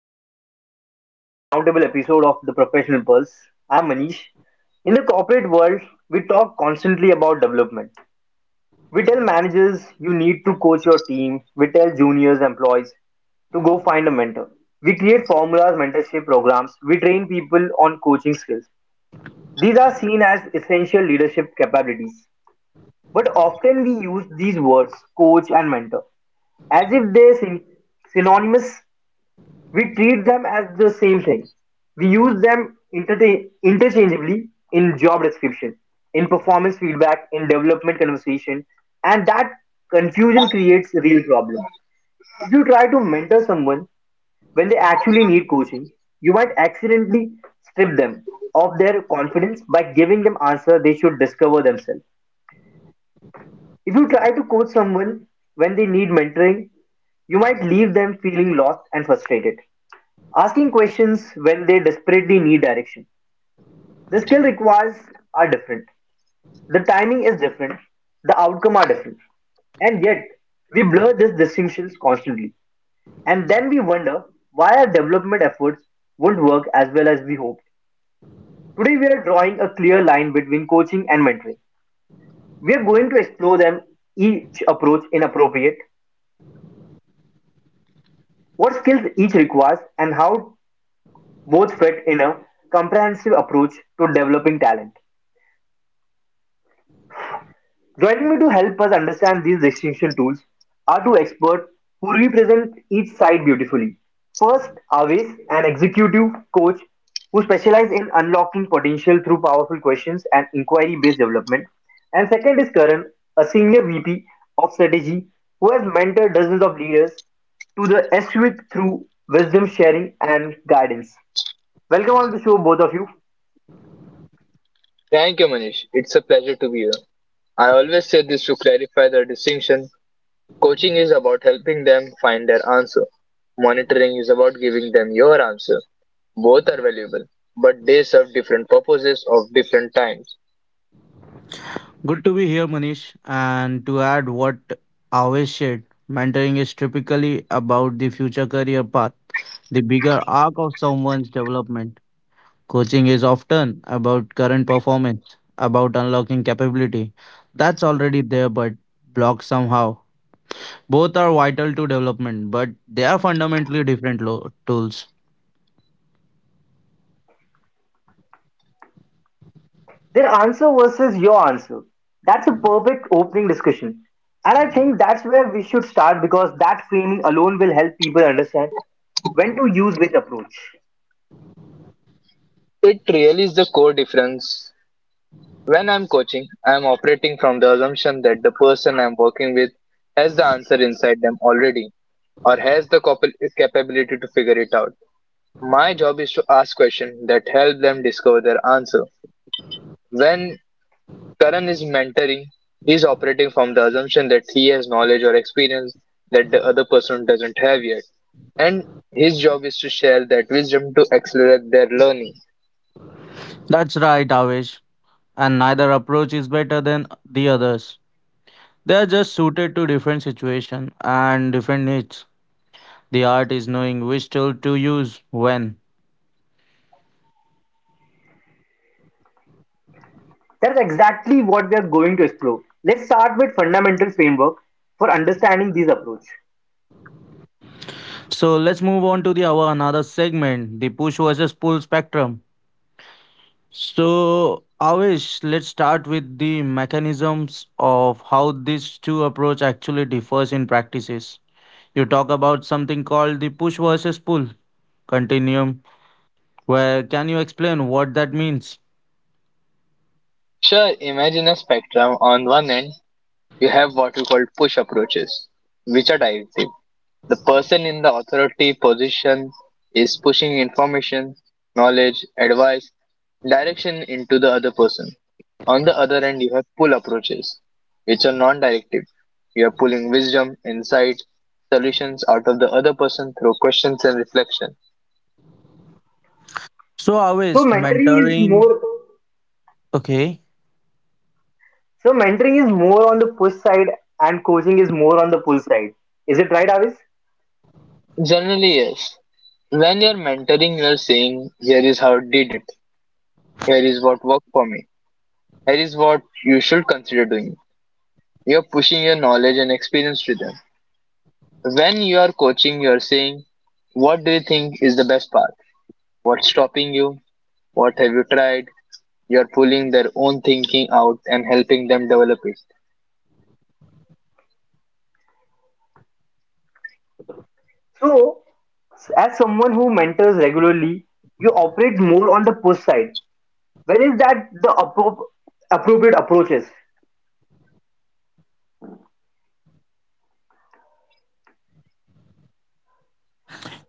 and welcome to a special roundtable episode of The Professional Pulse. I'm Manish. In the corporate world, we talk constantly about development. We tell managers you need to coach your team. We tell juniors employees to go find a mentor. We create formulas, mentorship programs. We train people on coaching skills. These are seen as essential leadership capabilities. But often we use these words, coach and mentor, as if they're synonymous. We treat them as the same thing. We use them interchangeably in job description, in performance feedback, in development conversation, and that confusion creates a real problem. If you try to mentor someone when they actually need coaching, you might accidentally strip them of their confidence by giving them answers they should discover themselves. If you try to coach someone when they need mentoring, you might leave them feeling lost and frustrated, asking questions when they desperately need direction. The skill requires are different, the timing is different, the outcome are different, and yet we blur these distinctions constantly. And then we wonder why our development efforts won't work as well as we hoped. Today we are drawing a clear line between coaching and mentoring. We are going to explore them each approach in appropriate, what skills each requires, and how both fit in a comprehensive approach to developing talent. Joining me to help us understand these distinction tools are two experts who represent each side beautifully. First, Aves, an executive coach who specializes in unlocking potential through powerful questions and inquiry based development. And second is Karan, a senior VP of strategy who has mentored dozens of leaders to the SWIC through wisdom sharing and guidance. Welcome on the show, both of you. Thank you, Manish. It's a pleasure to be here. I always say this to clarify the distinction. Coaching is about helping them find their answer. Monitoring is about giving them your answer. Both are valuable, but they serve different purposes of different times. Good to be here, Manish. And to add what Avesh said, mentoring is typically about the future career path, the bigger arc of someone's development. Coaching is often about current performance, about unlocking capability that's already there but blocked somehow. Both are vital to development, but they are fundamentally different tools. Their answer versus your answer. That's a perfect opening discussion. And I think that's where we should start because that framing alone will help people understand when to use which approach. It really is the core difference. When I'm coaching, I'm operating from the assumption that the person I'm working with has the answer inside them already or has the capability to figure it out. My job is to ask questions that help them discover their answer. When Karan is mentoring, he's operating from the assumption that he has knowledge or experience that the other person doesn't have yet. And his job is to share that wisdom to accelerate their learning. That's right, Avesh. And neither approach is better than the others. They are just suited to different situations and different needs. The art is knowing which tool to use when. That's exactly what we are going to explore. Let's start with fundamental framework for understanding these approach. So let's move on to the our another segment, the push versus pull spectrum. So Avish, let's start with the mechanisms of how these two approach actually differs in practices. You talk about something called the push versus pull continuum. Where can you explain what that means? Sure, imagine a spectrum. On one end, you have what we call push approaches, which are directive. The person in the authority position is pushing information, knowledge, advice, direction into the other person. On the other end, you have pull approaches, which are non directive. You are pulling wisdom, insight, solutions out of the other person through questions and reflection. So So Avish, mentoring is mentoring. more Okay. so mentoring is more on the push side and coaching is more on the pull side. Is it right, Avis? Generally, yes. When you're mentoring, you're saying, "Here is how I did it. Here is what worked for me. Here is what you should consider doing." You're pushing your knowledge and experience to them. When you are coaching, you are saying, "What do you think is the best path? What's stopping you? What have you tried?" You're pulling their own thinking out and helping them develop it. So as someone who mentors regularly, you operate more on the push side, where is that the appropriate approaches?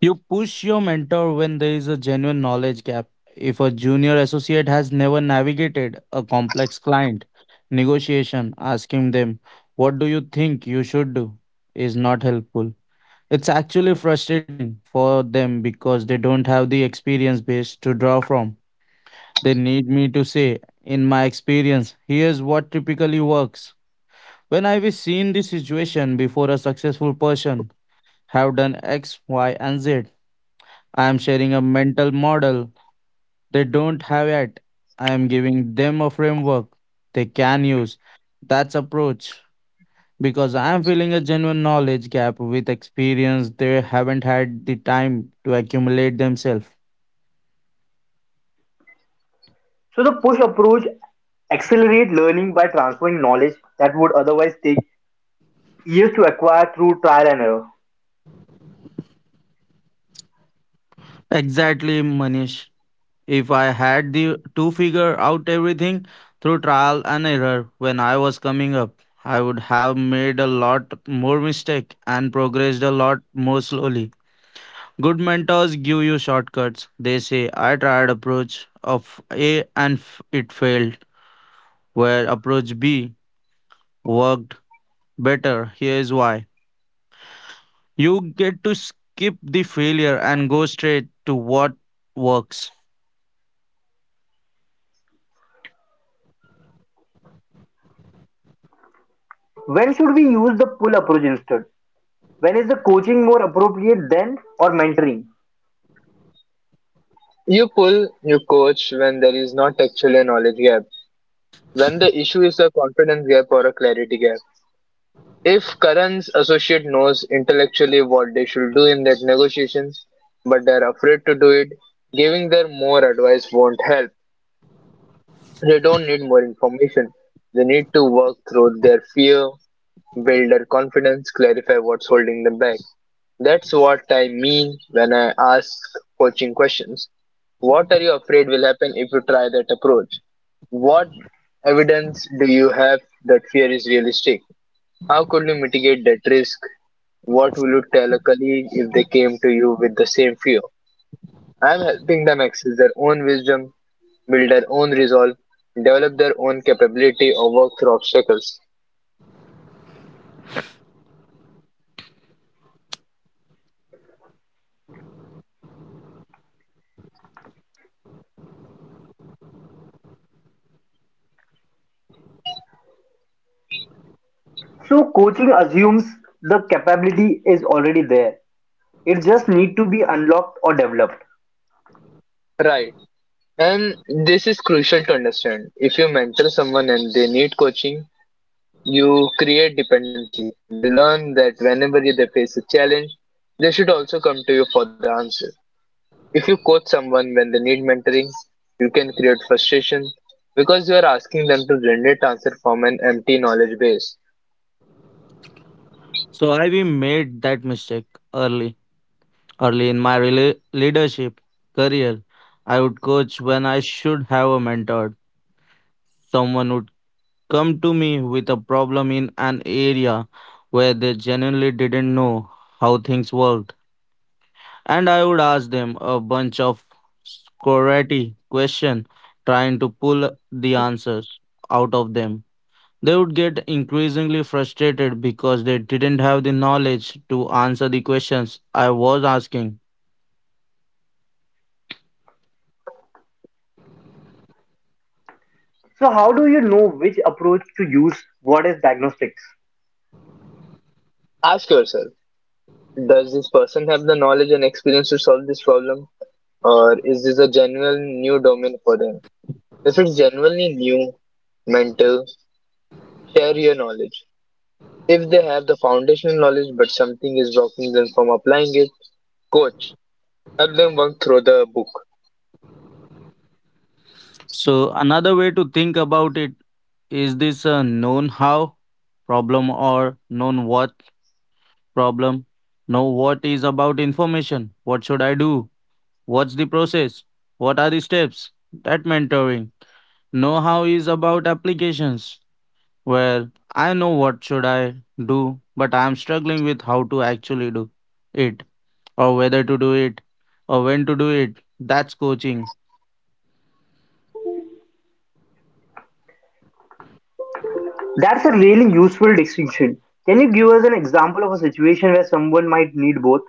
You push your mentor when there is a genuine knowledge gap. If a junior associate has never navigated a complex client negotiation, asking them, "What do you think you should do?" is not helpful. It's actually frustrating for them because they don't have the experience base to draw from. They need me to say, "In my experience, here's what typically works. When I've seen this situation before a successful person have done X, Y, and Z." I am sharing a mental model they don't have yet. I am giving them a framework they can use. That's approach because I am filling a genuine knowledge gap with experience they haven't had the time to accumulate themselves. So the push approach accelerate learning by transferring knowledge that would otherwise take years to acquire through trial and error. Exactly, Manish. If I had the to figure out everything through trial and error when I was coming up, I would have made a lot more mistake and progressed a lot more slowly. Good mentors give you shortcuts. They say, I tried approach of A and it failed, where approach B worked better. Here is why. You get to skip the failure and go straight to what works. When should we use the pull approach instead? When is the coaching more appropriate than or mentoring? You pull, you coach when there is not actually a knowledge gap, when the issue is a confidence gap or a clarity gap. If Karan's associate knows intellectually what they should do in that negotiation, but they're afraid to do it, giving them more advice won't help. They don't need more information. They need to work through their fear, build their confidence, clarify what's holding them back. That's what I mean when I ask coaching questions. What are you afraid will happen if you try that approach? What evidence do you have that fear is realistic? How could you mitigate that risk? What will you tell a colleague if they came to you with the same fear? I'm helping them access their own wisdom, build their own resolve, develop their own capability, or work through obstacles. So coaching assumes the capability is already there. It just need to be unlocked or developed. Right. And this is crucial to understand. If you mentor someone and they need coaching, you create dependency. They learn that whenever they face a challenge, they should also come to you for the answer. If you coach someone when they need mentoring, you can create frustration because you are asking them to generate answer from an empty knowledge base. So I we made that mistake early, early in my leadership career. I would coach when I should have a mentor, someone who come to me with a problem in an area where they genuinely didn't know how things worked. And I would ask them a bunch of scorati questions, trying to pull the answers out of them. They would get increasingly frustrated because they didn't have the knowledge to answer the questions I was asking. So how do you know which approach to use? What is diagnostics? Ask yourself, does this person have the knowledge and experience to solve this problem? Or is this a genuine new domain for them? If it's genuinely new, mentor. Share your knowledge. If they have the foundational knowledge but something is blocking them from applying it, coach. Help them work through the book. So, another way to think about it is this a known how problem or known what problem. Now, what is about information? What should I do? What's the process? What are the steps? That mentoring. Know how is about applications. Well, I know what should I do, but I am struggling with how to actually do it, or whether to do it, or when to do it. That's coaching. That's a really useful distinction. Can you give us an example of a situation where someone might need both?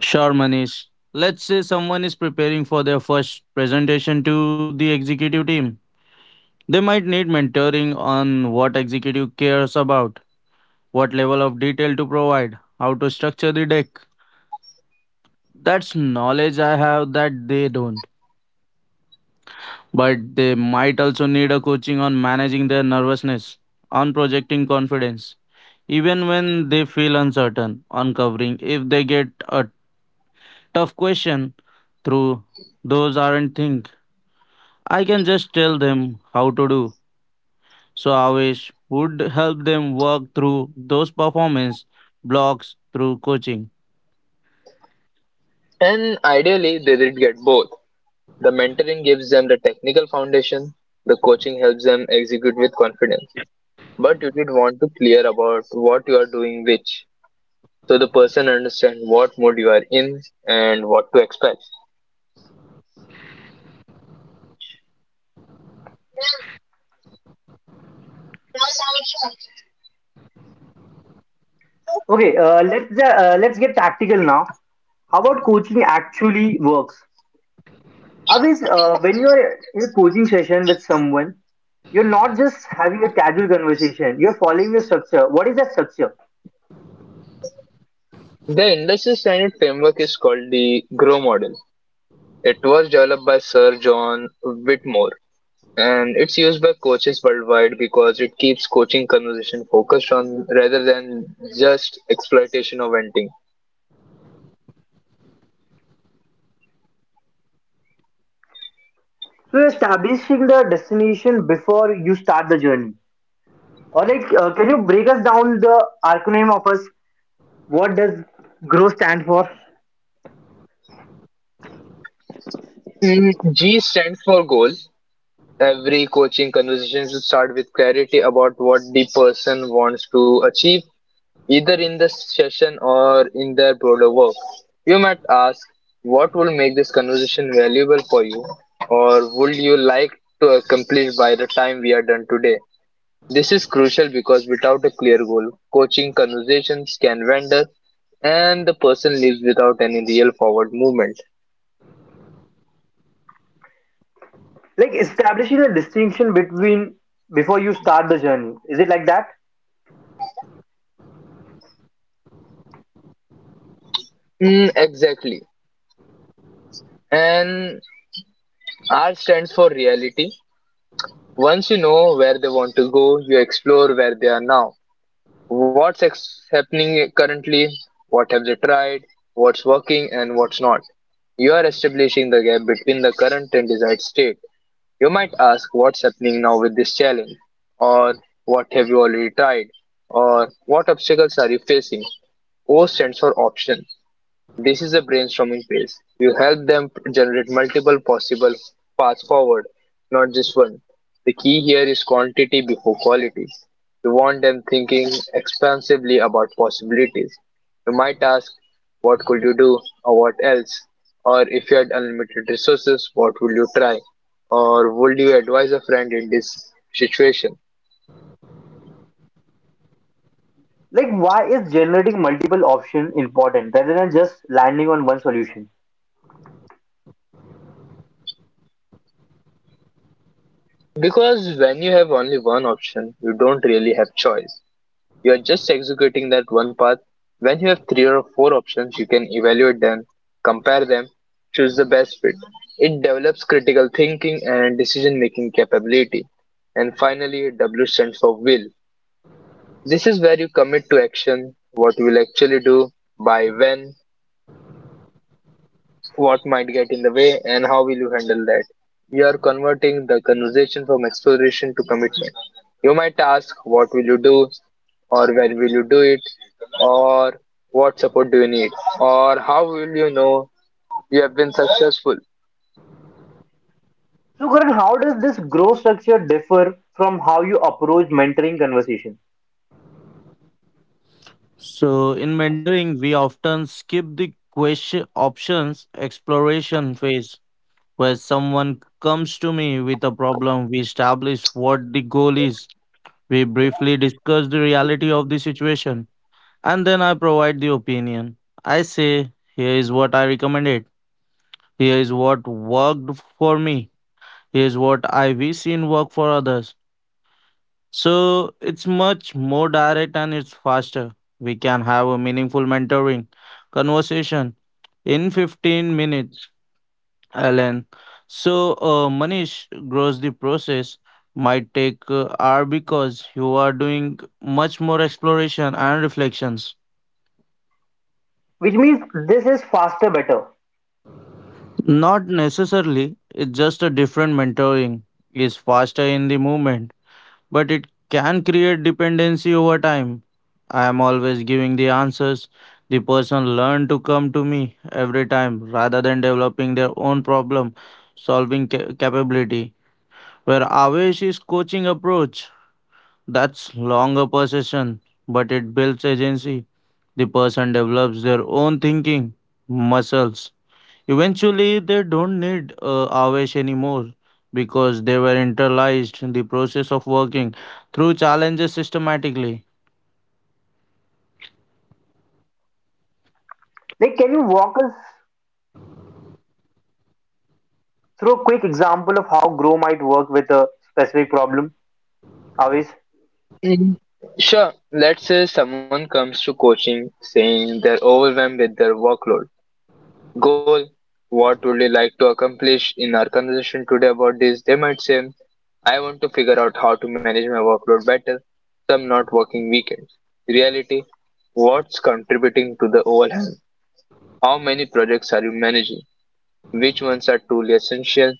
Sure, Manish. Let's say someone is preparing for their first presentation to the executive team. They might need mentoring on what executive cares about, what level of detail to provide, how to structure the deck. That's knowledge I have that they don't. But they might also need a coaching on managing their nervousness, on projecting confidence, even when they feel uncertain, on covering if they get a tough question through those aren't think. I can just tell them how to do. So Avish would help them work through those performance blocks through coaching. And ideally, they did get both. The mentoring gives them the technical foundation, the coaching helps them execute with confidence. But you did want to clear about what you are doing which, so the person understand what mode you are in and what to expect. Okay, let's get tactical now. How about coaching actually works? Always, when you are in a coaching session with someone, you're not just having a casual conversation. You're following the structure. What is that structure? The industry standard framework is called the GROW model. It was developed by Sir John Whitmore, and it's used by coaches worldwide because it keeps coaching conversation focused on rather than just exploitation or venting. So you're establishing the destination before you start the journey. Or like, can you break us down the acronym of us? What does GROW stand for? G stands for goal. Every coaching conversation should start with clarity about what the person wants to achieve, either in the session or in their broader work. You might ask, what will make this conversation valuable for you, or would you like to accomplish by the time we are done today? This is crucial because without a clear goal, coaching conversations can wander and the person leaves without any real forward movement. Like establishing a distinction between before you start the journey, is it like that? Exactly. And R stands for reality. Once you know where they want to go, you explore where they are now. Happening currently? What have they tried? What's working and what's not? You are establishing the gap between the current and desired state. You might ask what's happening now with this challenge, or what have you already tried, or what obstacles are you facing? O stands for option. This is a brainstorming phase. You help them generate multiple possible paths forward, not just one. The key here is quantity before quality. You want them thinking expansively about possibilities. You might ask, what could you do, or what else? Or if you had unlimited resources, what would you try? Or would you advise a friend in this situation? Like why is generating multiple options important rather than just landing on one solution? Because when you have only one option, you don't really have choice. You're just executing that one path. When you have three or four options, you can evaluate them, compare them, choose the best fit. It develops critical thinking and decision making capability. And finally, W stands for will. This is where you commit to action, what you will actually do, by when, what might get in the way, and how will you handle that. You are converting the conversation from exploration to commitment. You might ask, What will you do? Or When will you do it? Or What support do you need? Or How will you know you have been successful? So Karan, how does this growth structure differ from how you approach mentoring conversation? So in mentoring, we often skip the question options exploration phase where someone comes to me with a problem, we establish what the goal is, we briefly discuss the reality of the situation, and then I provide the opinion. I say, here is what I recommended, here is what worked for me, here is what I wish seen work for others. So it's much more direct and it's faster. We can have a meaningful mentoring conversation in 15 minutes, Alan. So Manish grows the process might take hour because you are doing much more exploration and reflections. Which means this is faster better? Not necessarily, it's just a different mentoring is faster in the moment but it can create dependency over time. I am always giving the answers. The person learned to come to me every time rather than developing their own problem solving capability. Where Avesh is coaching approach, that's longer possession, but it builds agency. The person develops their own thinking muscles. Eventually, they don't need Avesh anymore because they were internalized in the process of working through challenges systematically. Like can you walk us through a quick example of how grow might work with a specific problem, Avish? Mhm. Sure, let's say someone comes to coaching saying they're overwhelmed with their workload. Goal, what would you like to accomplish in our conversation today about this? They might say, I want to figure out how to manage my workload better, so I'm not working weekends. Reality, what's contributing to the overwhelm? How many projects are you managing? Which ones are truly essential?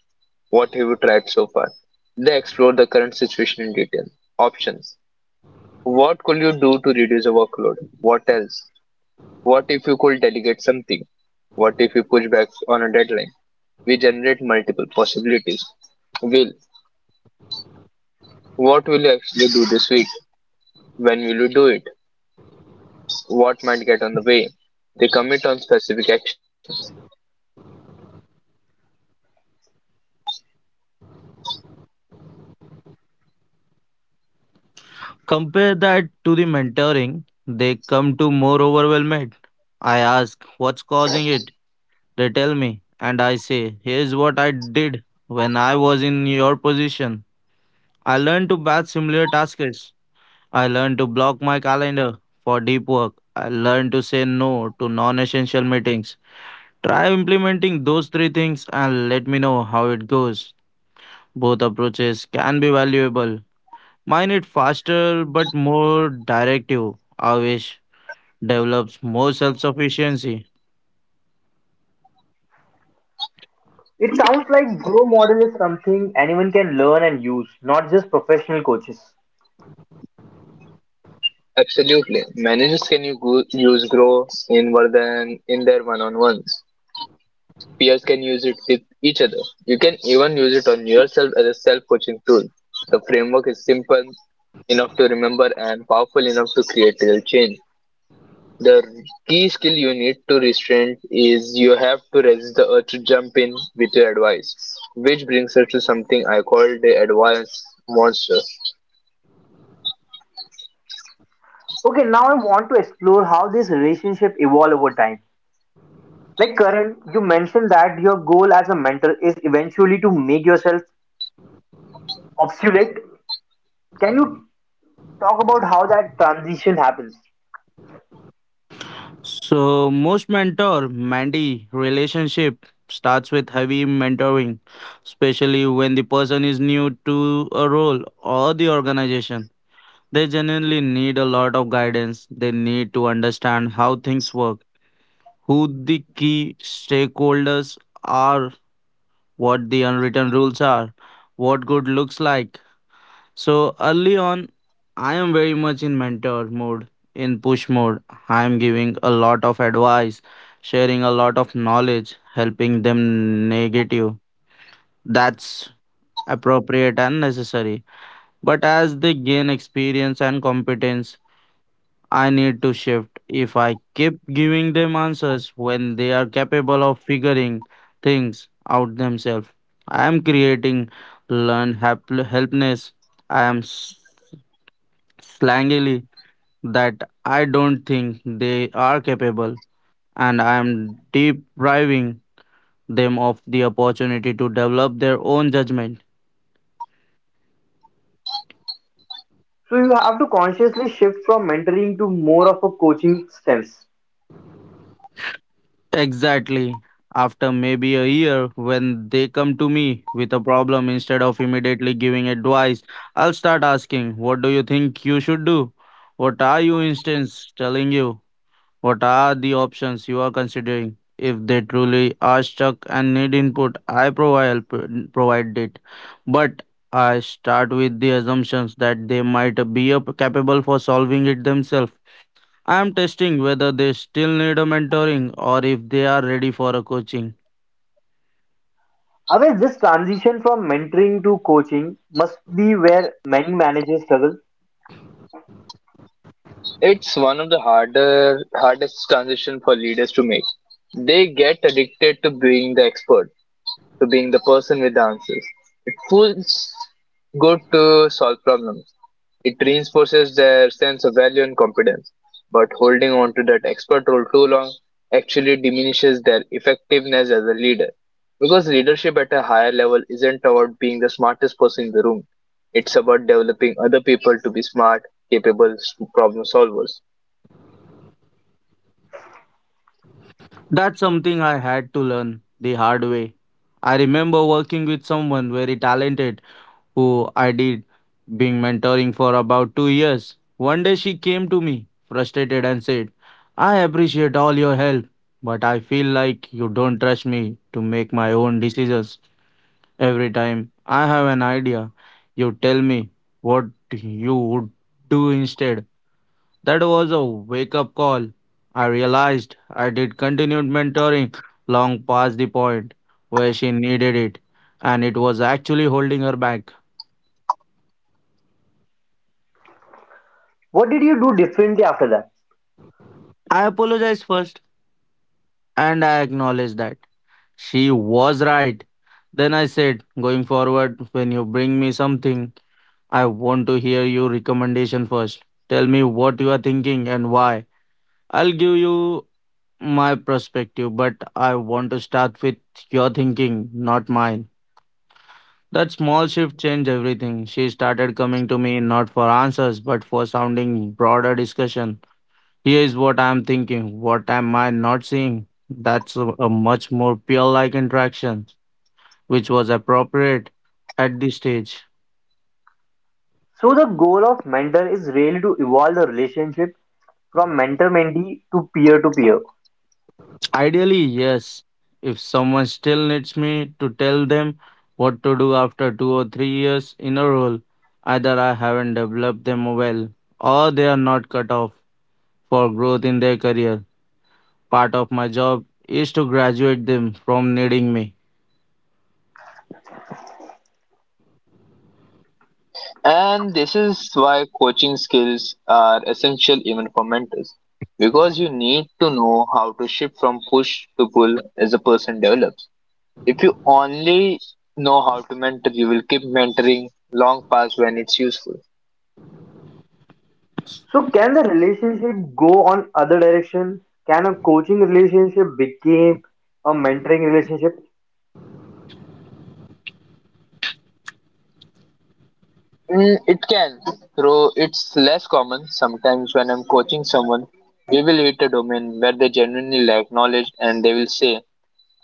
What have you tried so far? They explore the current situation in detail. Options. What could you do to reduce the workload? What else? What if you could delegate something? What if you push back on a deadline? We generate multiple possibilities. Will, what will you actually do this week? When will you do it? What might get on the way? They commit on specific actions. Compare that to the mentoring, they come to more overwhelmed. I ask, what's causing it? They tell me, and I say, here's what I did when I was in your position. I learned to batch similar tasks. I learned to block my calendar for deep work. I learned to say no to non essential meetings. Try implementing those three things and let me know how it goes. Both approaches can be valuable. Mine is faster but more directive. I develops more self-sufficiency. It sounds like grow model is something anyone can learn and use, not just professional coaches. Absolutely. Managers can you go, use grow in than in their one-on-ones. Peers can use it with each other. You can even use it on yourself as a self-coaching tool. The framework is simple enough to remember and powerful enough to create real change. The key skill you need to restrain is you have to resist the urge to jump in with your advice. Which brings us to something I call the advice monster. Okay, now I want to explore how this relationship evolve over time. Like Karan, you mentioned that your goal as a mentor is eventually to make yourself obsolete. Can you talk about how that transition happens? So most mentor mentee relationship starts with heavy mentoring, especially when the person is new to a role or the organization. They genuinely need a lot of guidance. They need to understand how things work, who the key stakeholders are, what the unwritten rules are, what good looks like. So early on, I am very much in mentor mode, in push mode. I am giving a lot of advice, sharing a lot of knowledge, helping them negative. That's appropriate and necessary. But as they gain experience and competence, I need to shift. If I keep giving them answers when they are capable of figuring things out themselves, I am creating learned helpness. I am s- Slangily that I don't think they are capable, and I am depriving them of the opportunity to develop their own judgment. So you have to consciously shift from mentoring to more of a coaching stance. Exactly. After maybe a year, when they come to me with a problem, instead of immediately giving advice, I'll start asking, What do you think you should do? What are you instance telling you? What are the options you are considering? If they truly are stuck and need input, I provide it. But I start with the assumptions that they might be capable for solving it themselves. I'm testing whether they still need a mentoring or if they are ready for a coaching. Otherwise, this transition from mentoring to coaching must be where many managers struggle. It's one of the harder hardest transition for leaders to make. They get addicted to being the expert, to being the person with the answers. It feels good to solve problems. It reinforces their sense of value and competence. But holding on to that expert role too long actually diminishes their effectiveness as a leader. Because leadership at a higher level isn't about being the smartest person in the room. It's about developing other people to be smart, problem solvers. That's something I had to learn the hard way. I remember working with someone very talented who I did being mentoring for about 2 years. One day she came to me frustrated and said, "I appreciate all your help, but I feel like you don't trust me to make my own decisions. Every time I have an idea, you tell me what you would do instead." That was a wake up call. I realized I did continued mentoring long past the point where she needed it, and it was actually holding her back. What did you do differently after that? I apologized first, and I acknowledged that she was right. Then I said, going forward, when you bring me something, I want to hear your recommendation first. Tell me what you are thinking and why. I'll give you my perspective, but I want to start with your thinking, not mine. That small shift changed everything. She started coming to me not for answers, but for sounding broader discussion. Here is what I am thinking. What am I not seeing? That's a much more peer like interaction, which was appropriate at this stage. So the goal of mentor is really to evolve the relationship from mentor-mentee to peer-to-peer. Ideally, yes. If someone still needs me to tell them what to do after two or three years in a role, either I haven't developed them well or they are not cut off for growth in their career. Part of my job is to graduate them from needing me. And this is why coaching skills are essential even for mentors, because you need to know how to shift from push to pull as a person develops. If you only know how to mentor, you will keep mentoring long past when it's useful. So can the relationship go on other direction? Can a coaching relationship become a mentoring relationship? It can, though it's less common. Sometimes when I'm coaching someone, we will hit a domain where they genuinely lack knowledge and they will say,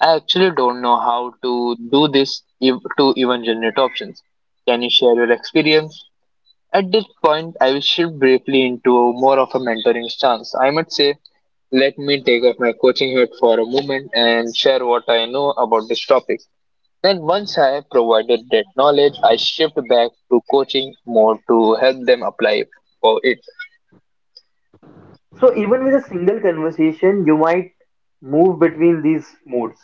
I actually don't know how to do this to even generate options. Can you share your experience? At this point, I will shift briefly into more of a mentoring stance. I might say, let me take off my coaching hat for a moment and share what I know about this topic. Then, once I have provided that knowledge, I shift back to coaching more to help them apply for it. So even with a single conversation, you might move between these modes.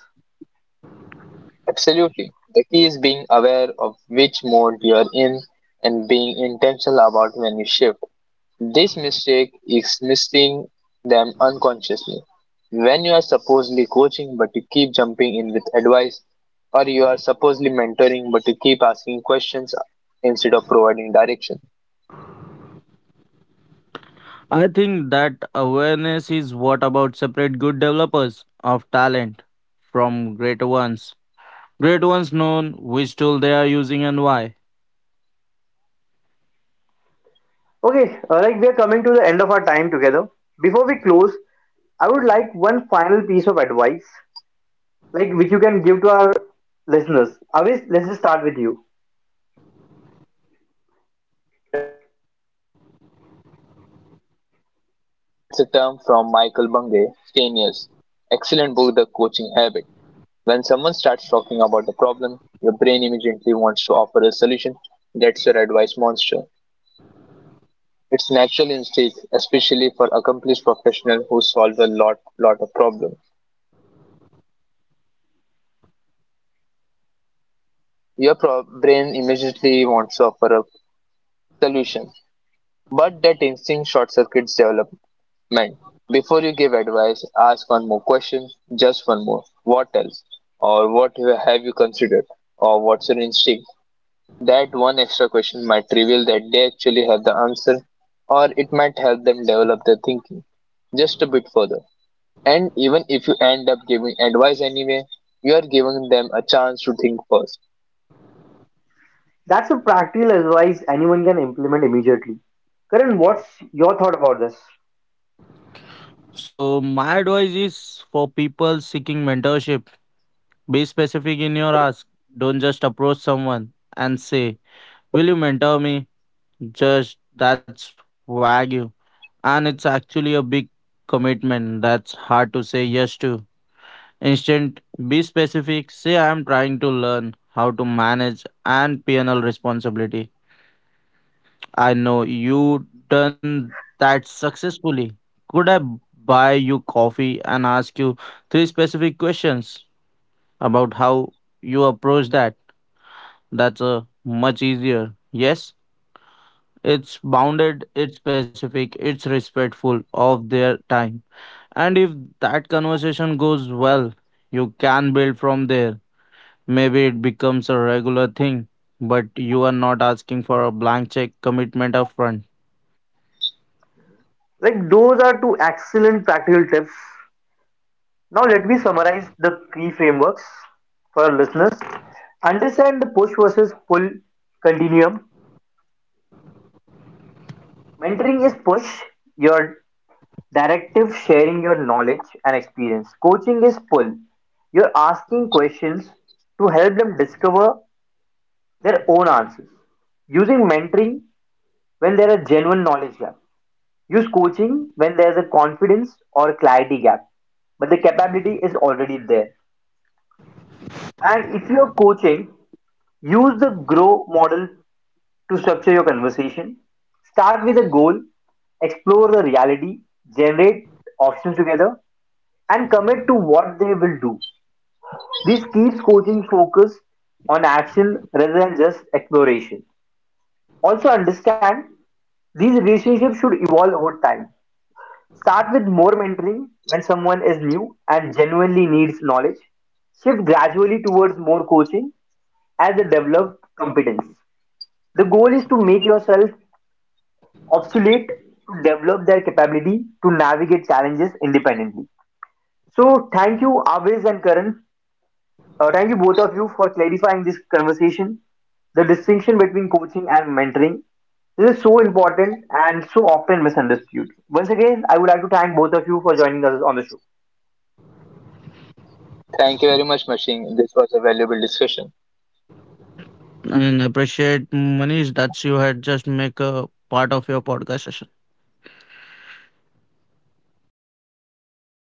Absolutely. The key is being aware of which mode you are in and being intentional about when you shift. This mistake is missing them unconsciously. When you are supposedly coaching but you keep jumping in with advice, or you are supposedly mentoring but you keep asking questions instead of providing direction. I think that awareness is what about separate good developers of talent from great ones. Great ones know which tool they are using and why. Okay, like we are coming to the end of our time together. Before we close, I would like one final piece of advice, like which you can give to our listeners. Avis, let's just start with you. My advice is this: tame your advice monster. That's a term from Michael Bungay, 10 years. Excellent book, The Coaching Habit. When someone starts talking about a problem, your brain immediately wants to offer a solution. That's your advice monster. It's natural instinct, especially for accomplished professionals who solve a lot of problems. Your brain immediately wants to offer a solution, but that instinct short-circuits development. Before you give advice, ask one more question, just one more. What else? Or have you considered? Or what's your instinct? That one extra question might reveal that they actually have the answer, or it might help them develop their thinking just a bit further. And even if you end up giving advice anyway, you are giving them a chance to think first. That's a practical advice anyone can implement immediately. Karan, what's your thought about this? So my advice is for people seeking mentorship, be specific in your ask. Don't just approach someone and say, "Will you mentor me?" Just That's wagyu, and it's actually a big commitment that's hard to say yes to. Instead, be specific. Say, I am trying to learn how to manage and PNL responsibility. I know you done that successfully. Could I buy you coffee and ask you three specific questions about how you approach that? That's a much easier. Yes, it's bounded, it's specific, it's respectful of their time. And if that conversation goes well, you can build from there. Maybe it becomes a regular thing, but you are not asking for a blank check commitment upfront. Like those are two excellent practical tips. Now let me summarize the key frameworks for our listeners. Understand the push versus pull continuum. Mentoring is push, your directive sharing your knowledge and experience. Coaching is pull. You're asking questions to help them discover their own answers. Using mentoring when there are genuine knowledge gap. Use coaching when there's a confidence or a clarity gap, but the capability is already there. And if you're coaching, use the grow model to structure your conversation. Start with a goal, explore the reality, generate options together, and commit to what they will do. This keeps coaching focused on action rather than just exploration. Also, understand these relationships should evolve over time. Start with more mentoring when someone is new and genuinely needs knowledge. Shift gradually towards more coaching as they develop competence. The goal is to make yourself obsolete to develop their capability to navigate challenges independently. So, thank you, Aviz and Karan. Thank you, both of you, for clarifying this conversation. The distinction between coaching and mentoring, this is so important and so often misunderstood. Once again, I would like to thank both of you for joining us on the show. Thank you very much, Machine. This was a valuable discussion. And appreciate Manish that you had just make a part of your podcast session.